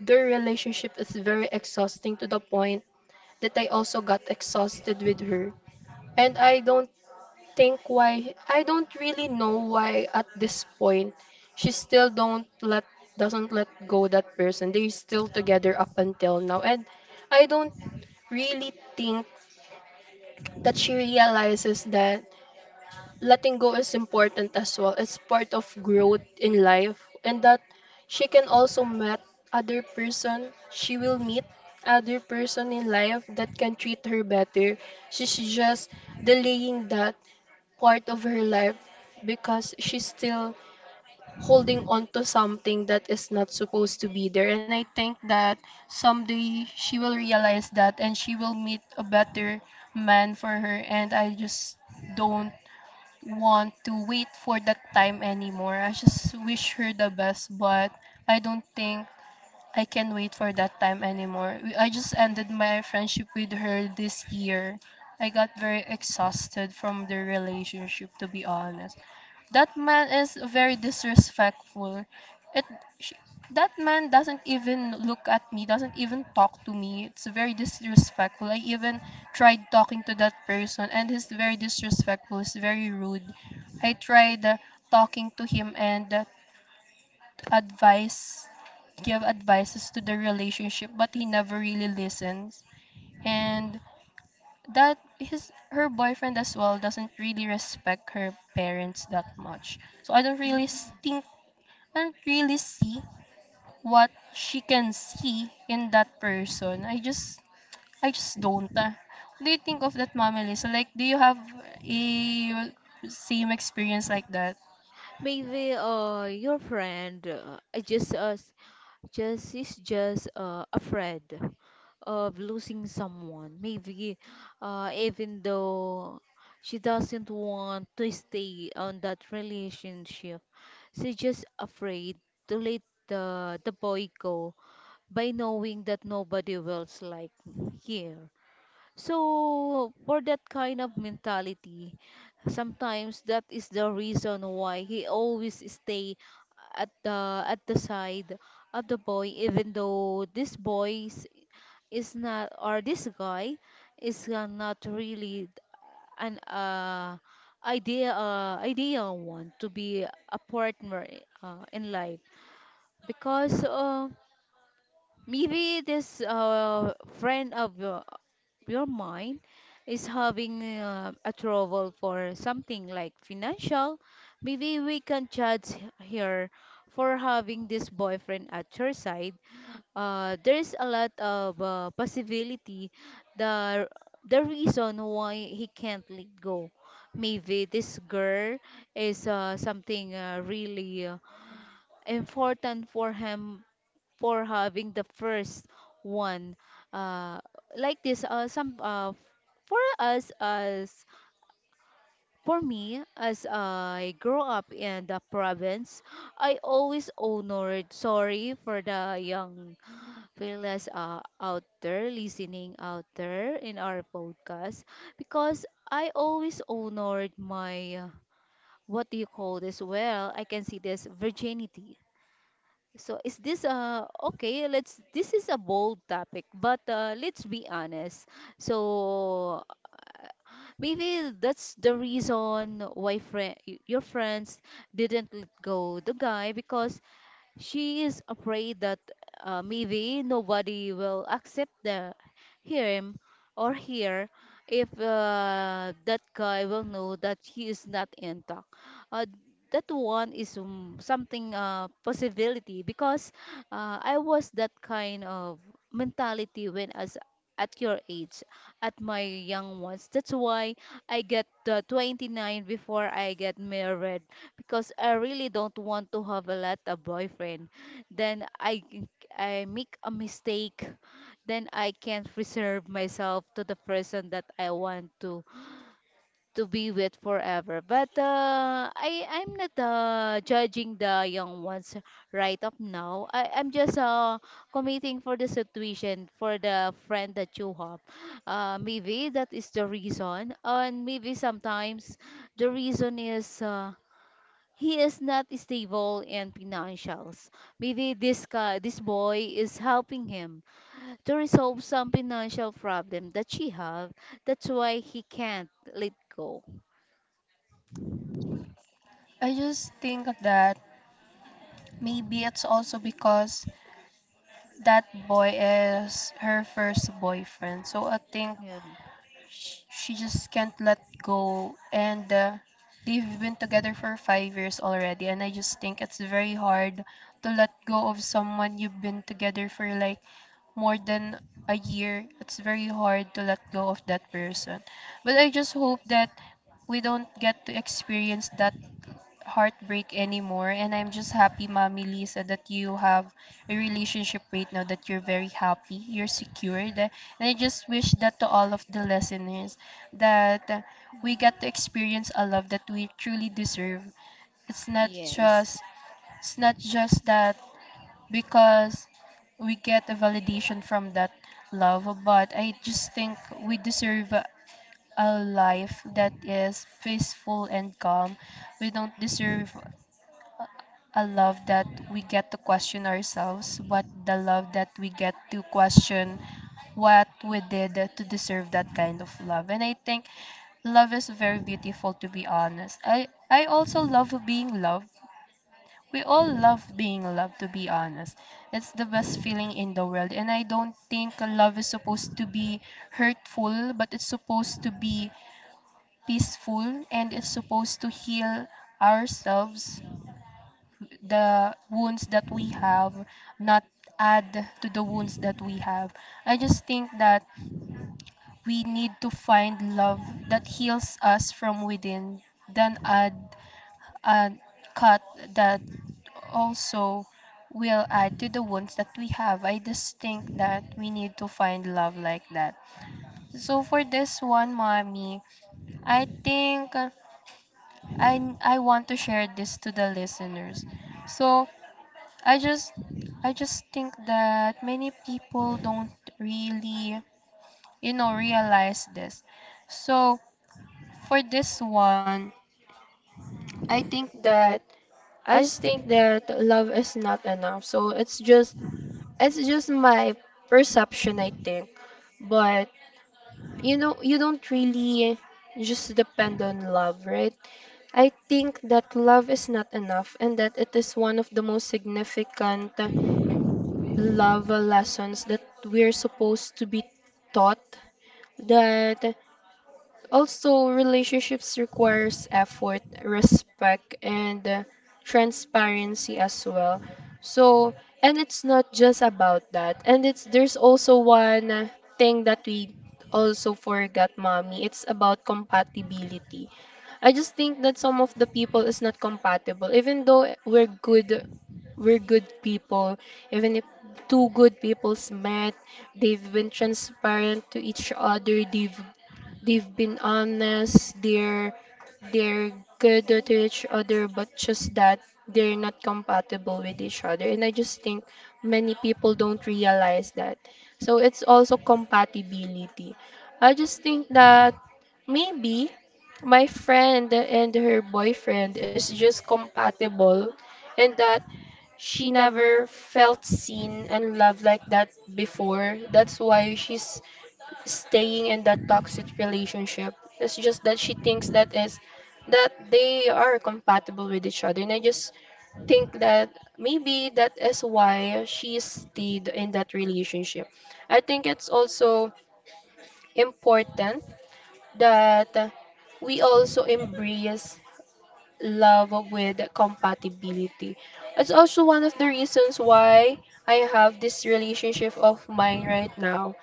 their relationship is very exhausting to the point that I also got exhausted with her. And I don't really know why at this point she still don't let doesn't let go that person. They still together up until now. And I don't really think that she realizes that letting go is important as well. It's part of growth in life and that she can also met other person. She will meet other person in life that can treat her better. She's just delaying that part of her life because she's still holding on to something that is not supposed to be there. And I think that someday she will realize that and she will meet a better man for her. And I just don't want to wait for that time anymore. I just wish her the best, but I don't think I can wait for that time anymore. I just ended my friendship with her this year. I got very exhausted from the relationship, to be honest. That man is very disrespectful. It she, that man doesn't even look at me, doesn't even talk to me. It's very disrespectful. I even tried talking to that person and he's very disrespectful. He's very rude. I tried talking to him and advice give advices to the relationship, but he never really listens. And that his her boyfriend as well doesn't really respect her parents that much, so I don't really think and really see what she can see in that person. I just don't. Ah. What do you think of that, Mama Lisa? Like, do you have a same experience like that?
Maybe your friend I just s- just is just afraid of losing someone. Maybe even though she doesn't want to stay on that relationship, she's just afraid to let the boy go by knowing that nobody else like here. So, for that kind of mentality, sometimes that is the reason why he always stay at the side of the boy, even though this boy is not, or this guy is not really an ideal one to be a partner in life because. Maybe this friend of your mind is having a trouble for something like financial. Maybe we can judge her for having this boyfriend at her side. There is a lot of possibility the the reason why he can't let go. Maybe this girl is something really. Important for him for having the first one, uh, like this some for us as for me as I grow up in the province, I always honored sorry for the young fellas out there listening out there in our podcast because I always honored my what do you call this well I can see this virginity, so is this okay, let's this is a bold topic, but let's be honest. So maybe that's the reason why friend your friends didn't let go the guy because she is afraid that maybe nobody will accept the him or her if that guy will know that he is not intact. Uh, that one is something possibility because I was that kind of mentality when as at your age, at my young ones. That's why I get 29 before I get married because I really don't want to have a lot of boyfriend. Then I g- I make a mistake, then I can't reserve myself to the person that I want to be with forever. But I'm not judging the young ones right up now. I'm just committing for the situation for the friend that you have. Maybe that is the reason, and maybe sometimes the reason is. He is not stable in financials. Maybe this guy, this boy is helping him to resolve some financial problem that she have. That's why he can't let go.
I just think that maybe it's also because that boy is her first boyfriend. So I think
Yeah.
She just can't let go. And they've been together for 5 years already. And I just think it's very hard to let go of someone you've been together for like more than a year. It's very hard to let go of that person. But I just hope that we don't get to experience that heartbreak anymore. And I'm just happy, Mommy Lisa, that you have a relationship right now that you're very happy, you're secured. And I just wish that to all of the listeners that we get to experience a love that we truly deserve. It's not
Yes.
just it's not just that because we get a validation from that love, but I just think we deserve a life that is peaceful and calm. We don't deserve a love that we get to question ourselves, but the love that we get to question what we did to deserve that kind of love. And I think love is very beautiful, to be honest. I also love being loved. We all love being loved, to be honest. It's the best feeling in the world, and I don't think love is supposed to be hurtful, but it's supposed to be peaceful, and it's supposed to heal ourselves the wounds that we have, not add to the wounds that we have. I just think that we need to find love that heals us from within, than add a cut that also will add to the wounds that we have. I just think that we need to find love like that. So for this one, mommy, I think I want to share this to the listeners. So I just I just think that many people don't really, you know, realize this. So for this one, I think that I just think that love is not enough. So it's just my perception, I think. But you know, you don't really just depend on love, right? I think that love is not enough and that it is one of the most significant love lessons that we're supposed to be taught, that also relationships requires effort, respect, and transparency as well. So and it's not just about that, and it's there's also one thing that we also forgot, mommy. It's about compatibility. I just think that some of the people is not compatible, even though we're good people. Even if two good people's met, they've been transparent to each other. They've been honest. They're good to each other, but just that they're not compatible with each other. And I just think many people don't realize that. So it's also compatibility. I just think that maybe my friend and her boyfriend is just compatible and that she never felt seen and loved like that before. That's why she's staying in that toxic relationship. It's just that she thinks that is that they are compatible with each other. And I just think that maybe that is why she stayed in that relationship. I think it's also important that we also embrace love with compatibility. It's also one of the reasons why I have this relationship of mine right now.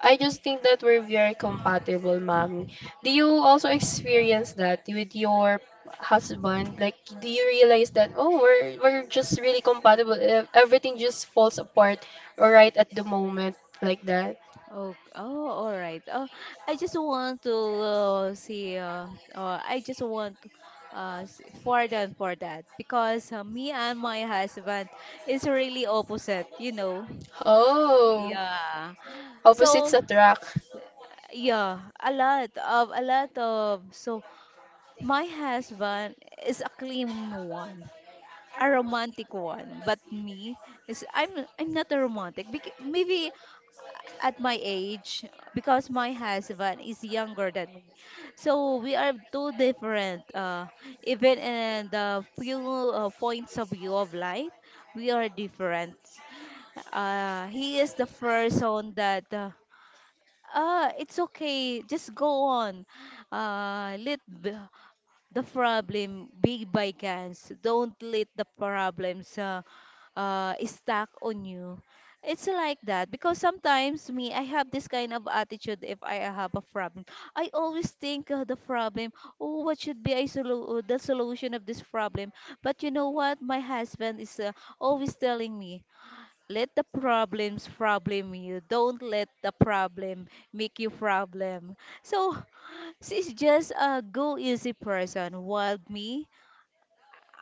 I just think that we're very compatible, mommy. Do you also experience that with your husband? Like, do you realize that, oh, we're just really compatible? Everything just falls apart right at the moment, like that.
Oh, oh, all right. Oh, I just want to see. I just want to pardon for that because me and my husband is really opposite. You know.
Oh,
Yeah.
opposites
So
attract.
yeah, a lot of so my husband is a claiming one, a romantic one, but me is I'm not a romantic. Bec maybe at my age because my husband is younger than me. So we are two different even in the few points of view of life, we are different. He is the first one that ah, it's okay. Just go on. Let the problem be by guns. Don't let the problems stack on you. It's like that because sometimes me, I have this kind of attitude if I have a problem. I always think the problem, oh, what should be a the solution of this problem? But you know what? My husband is always telling me, let the problems problem you. Don't let the problem make you problem. So she's just a go easy person. While me,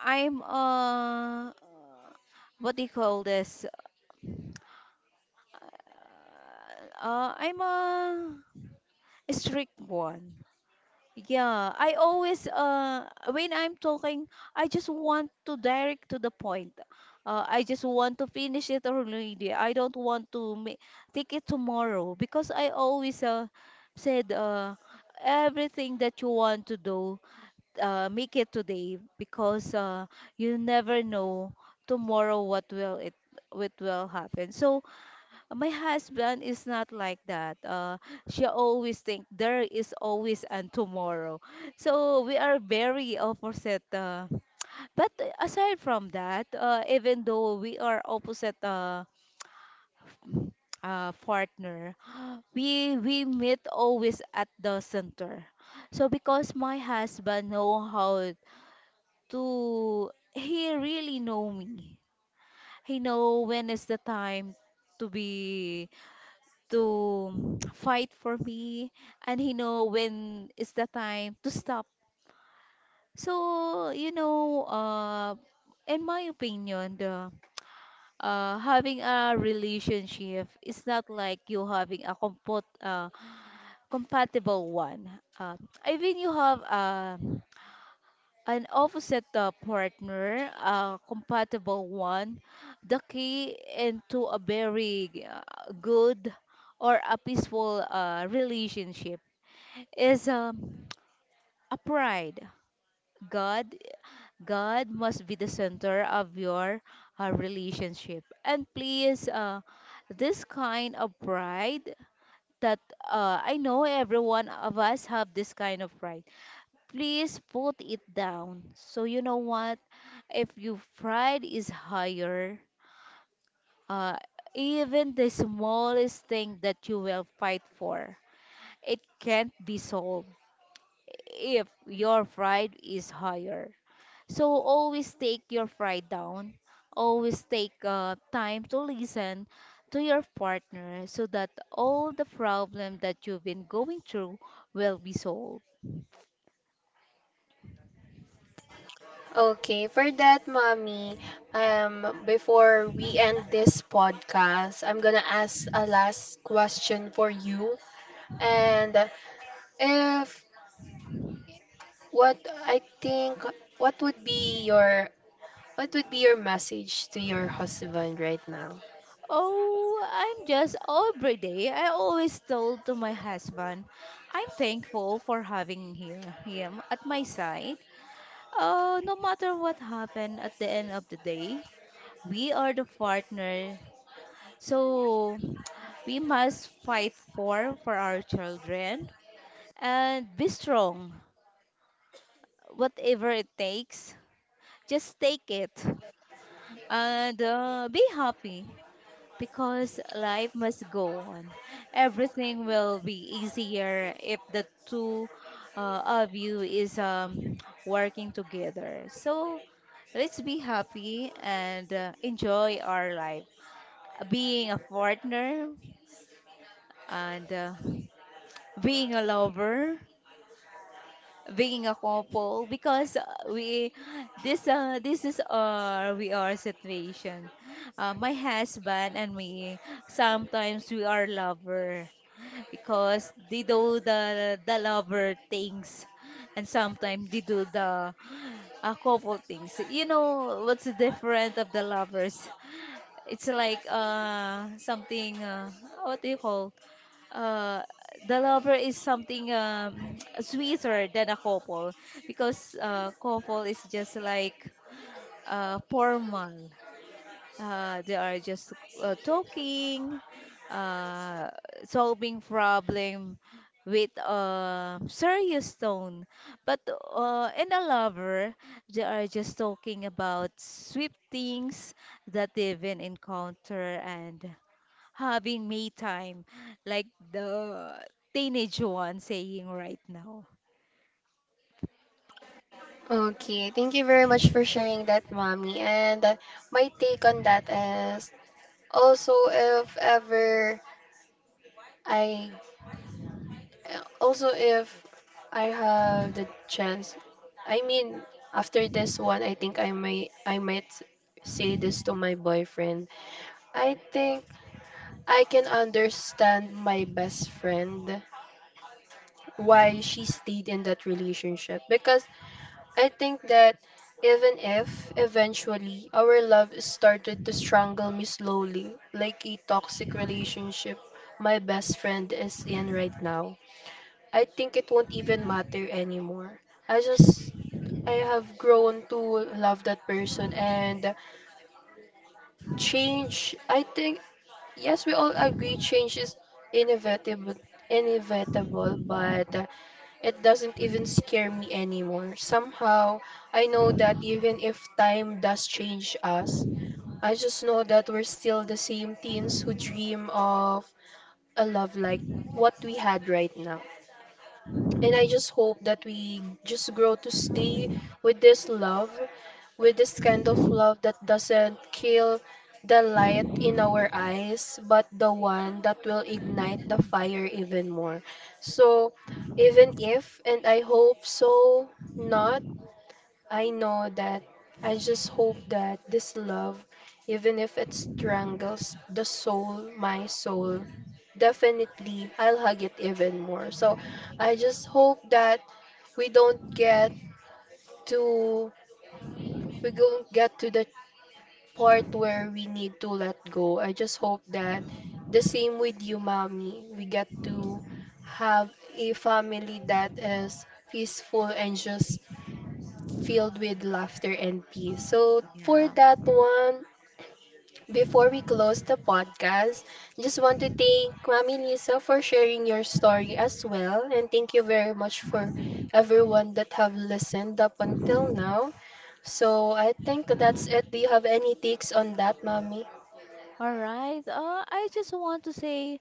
I'm a what do you call this? I'm a strict one. Yeah, I always when I'm talking, I just want to direct to the point. I just want to finish it already. I don't want to take it tomorrow because I always said everything that you want to do, make it today because you never know tomorrow what will happen. So my husband is not like that. She always think there is always and tomorrow. So we are very opposite. But aside from that, even though we are opposite partner, we meet always at the center. So because my husband know how to, he really know me. He know when is the time to be to fight for me, and he know when is the time to stop. So in my opinion, the having a relationship is not like you having a compot compatible one. uh, I think you have an opposite partner, a compatible one. The key into a very good or a peaceful relationship is a pride. God, God must be the center of your relationship. And please, this kind of pride that I know every one of us have this kind of pride. Please put it down. So you know what? If your pride is higher, uh, even the smallest thing that you will fight for, it can't be solved if your pride is higher. So always take your pride down. Always take time to listen to your partner so that all the problem that you've been going through will be solved.
Okay, for that, mommy, before we end this podcast, I'm gonna ask a last question for you. And if what I think, what would be your what would be your message to your husband right now?
Oh, I'm just every day. I always told to my husband, I'm thankful for having here him at my side. No matter what happened at the end of the day, we are the partner. So we must fight for our children and be strong. Whatever it takes, just take it and be happy because life must go on. Everything will be easier if the two of you is working together. So let's be happy and enjoy our life. Being a partner and being a lover, being a couple. Because we, this is our we are situation. My husband and me, sometimes we are lover because they do the lover things, and sometimes they do the couple things. You know what's the difference of the lovers? It's like something, what do you call, uh the lover is something, sweeter than a couple. Because couple is just like formal. They are just talking, uh solving problem with a serious tone. But in a lover, they are just talking about sweet things that they've been encounter and having me time, like the teenage one saying right now.
Okay, thank you very much for sharing that, mommy. And my take on that is also if ever I also, if I have the chance, I mean, after this one, I think I might say this to my boyfriend. I think I can understand my best friend why she stayed in that relationship, because I think that even if eventually our love started to strangle me slowly, like a toxic relationship my best friend is in right now. I think it won't even matter anymore. I just I have grown to love that person. And change, I think, yes, we all agree, change is inevitable inevitable, but it doesn't even scare me anymore. Somehow I know that even if time does change us, I just know that we're still the same teens who dream of a love like what we had right now. And I just hope that we just grow to stay with this love, with this kind of love that doesn't kill the light in our eyes, but the one that will ignite the fire even more. So, even if, and I hope so not, I know that I just hope that this love, even if it strangles the soul, my soul, definitely I'll hug it even more. So I just hope that we don't get to we don't get to the part where we need to let go. I just hope that the same with you, mommy. We get to have a family that is peaceful and just filled with laughter and peace. So, for
Yeah.
that one, before we close the podcast, just want to thank Mami Lisa for sharing your story as well. And thank you very much for everyone that have listened up until now. So, I think that's it. Do you have any takes on that, Mami?
All right. I just want to say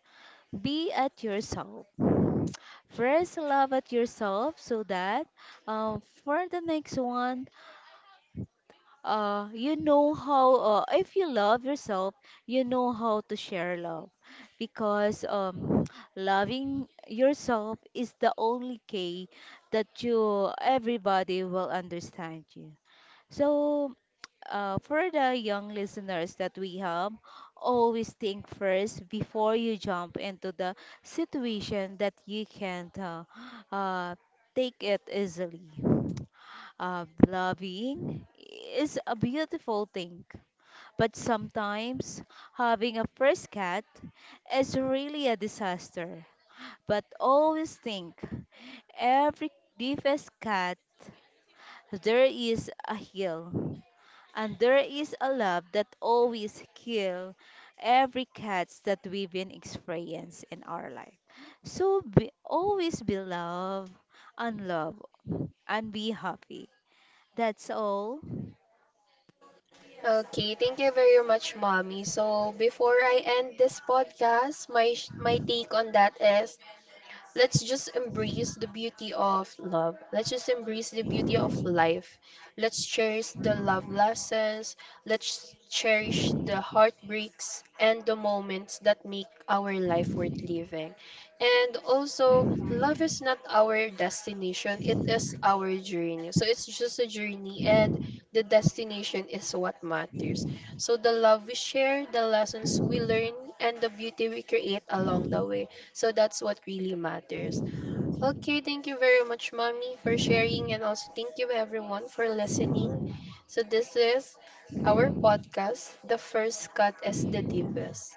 be at yourself. First, love at yourself so that for the next one, you know how, if you love yourself you know how to share love. Because loving yourself is the only key that you everybody will understand you. So for the young listeners that we have, always think first before you jump into the situation that you can't uh, take it easily. Loving is a beautiful thing, but sometimes having a first cat is really a disaster. But always think, every deepest cat, there is a hill, and there is a love that always heal every cats that we've been experienced in our life. So be, always be love and love and be happy. That's all.
Okay, thank you very much, Mommy. So, before I end this podcast, my take on that is, let's just embrace the beauty of love. Let's just embrace the beauty of life. Let's cherish the love lessons. Let's cherish the heartbreaks and the moments that make our life worth living. And also, love is not our destination, it is our journey. So it's just a journey, and the destination is what matters. So the love we share, the lessons we learn, and the beauty we create along the way. So that's what really matters. Okay, thank you very much, Mommy, for sharing, and also thank you everyone for listening. So this is our podcast, The First Cut is the Deepest.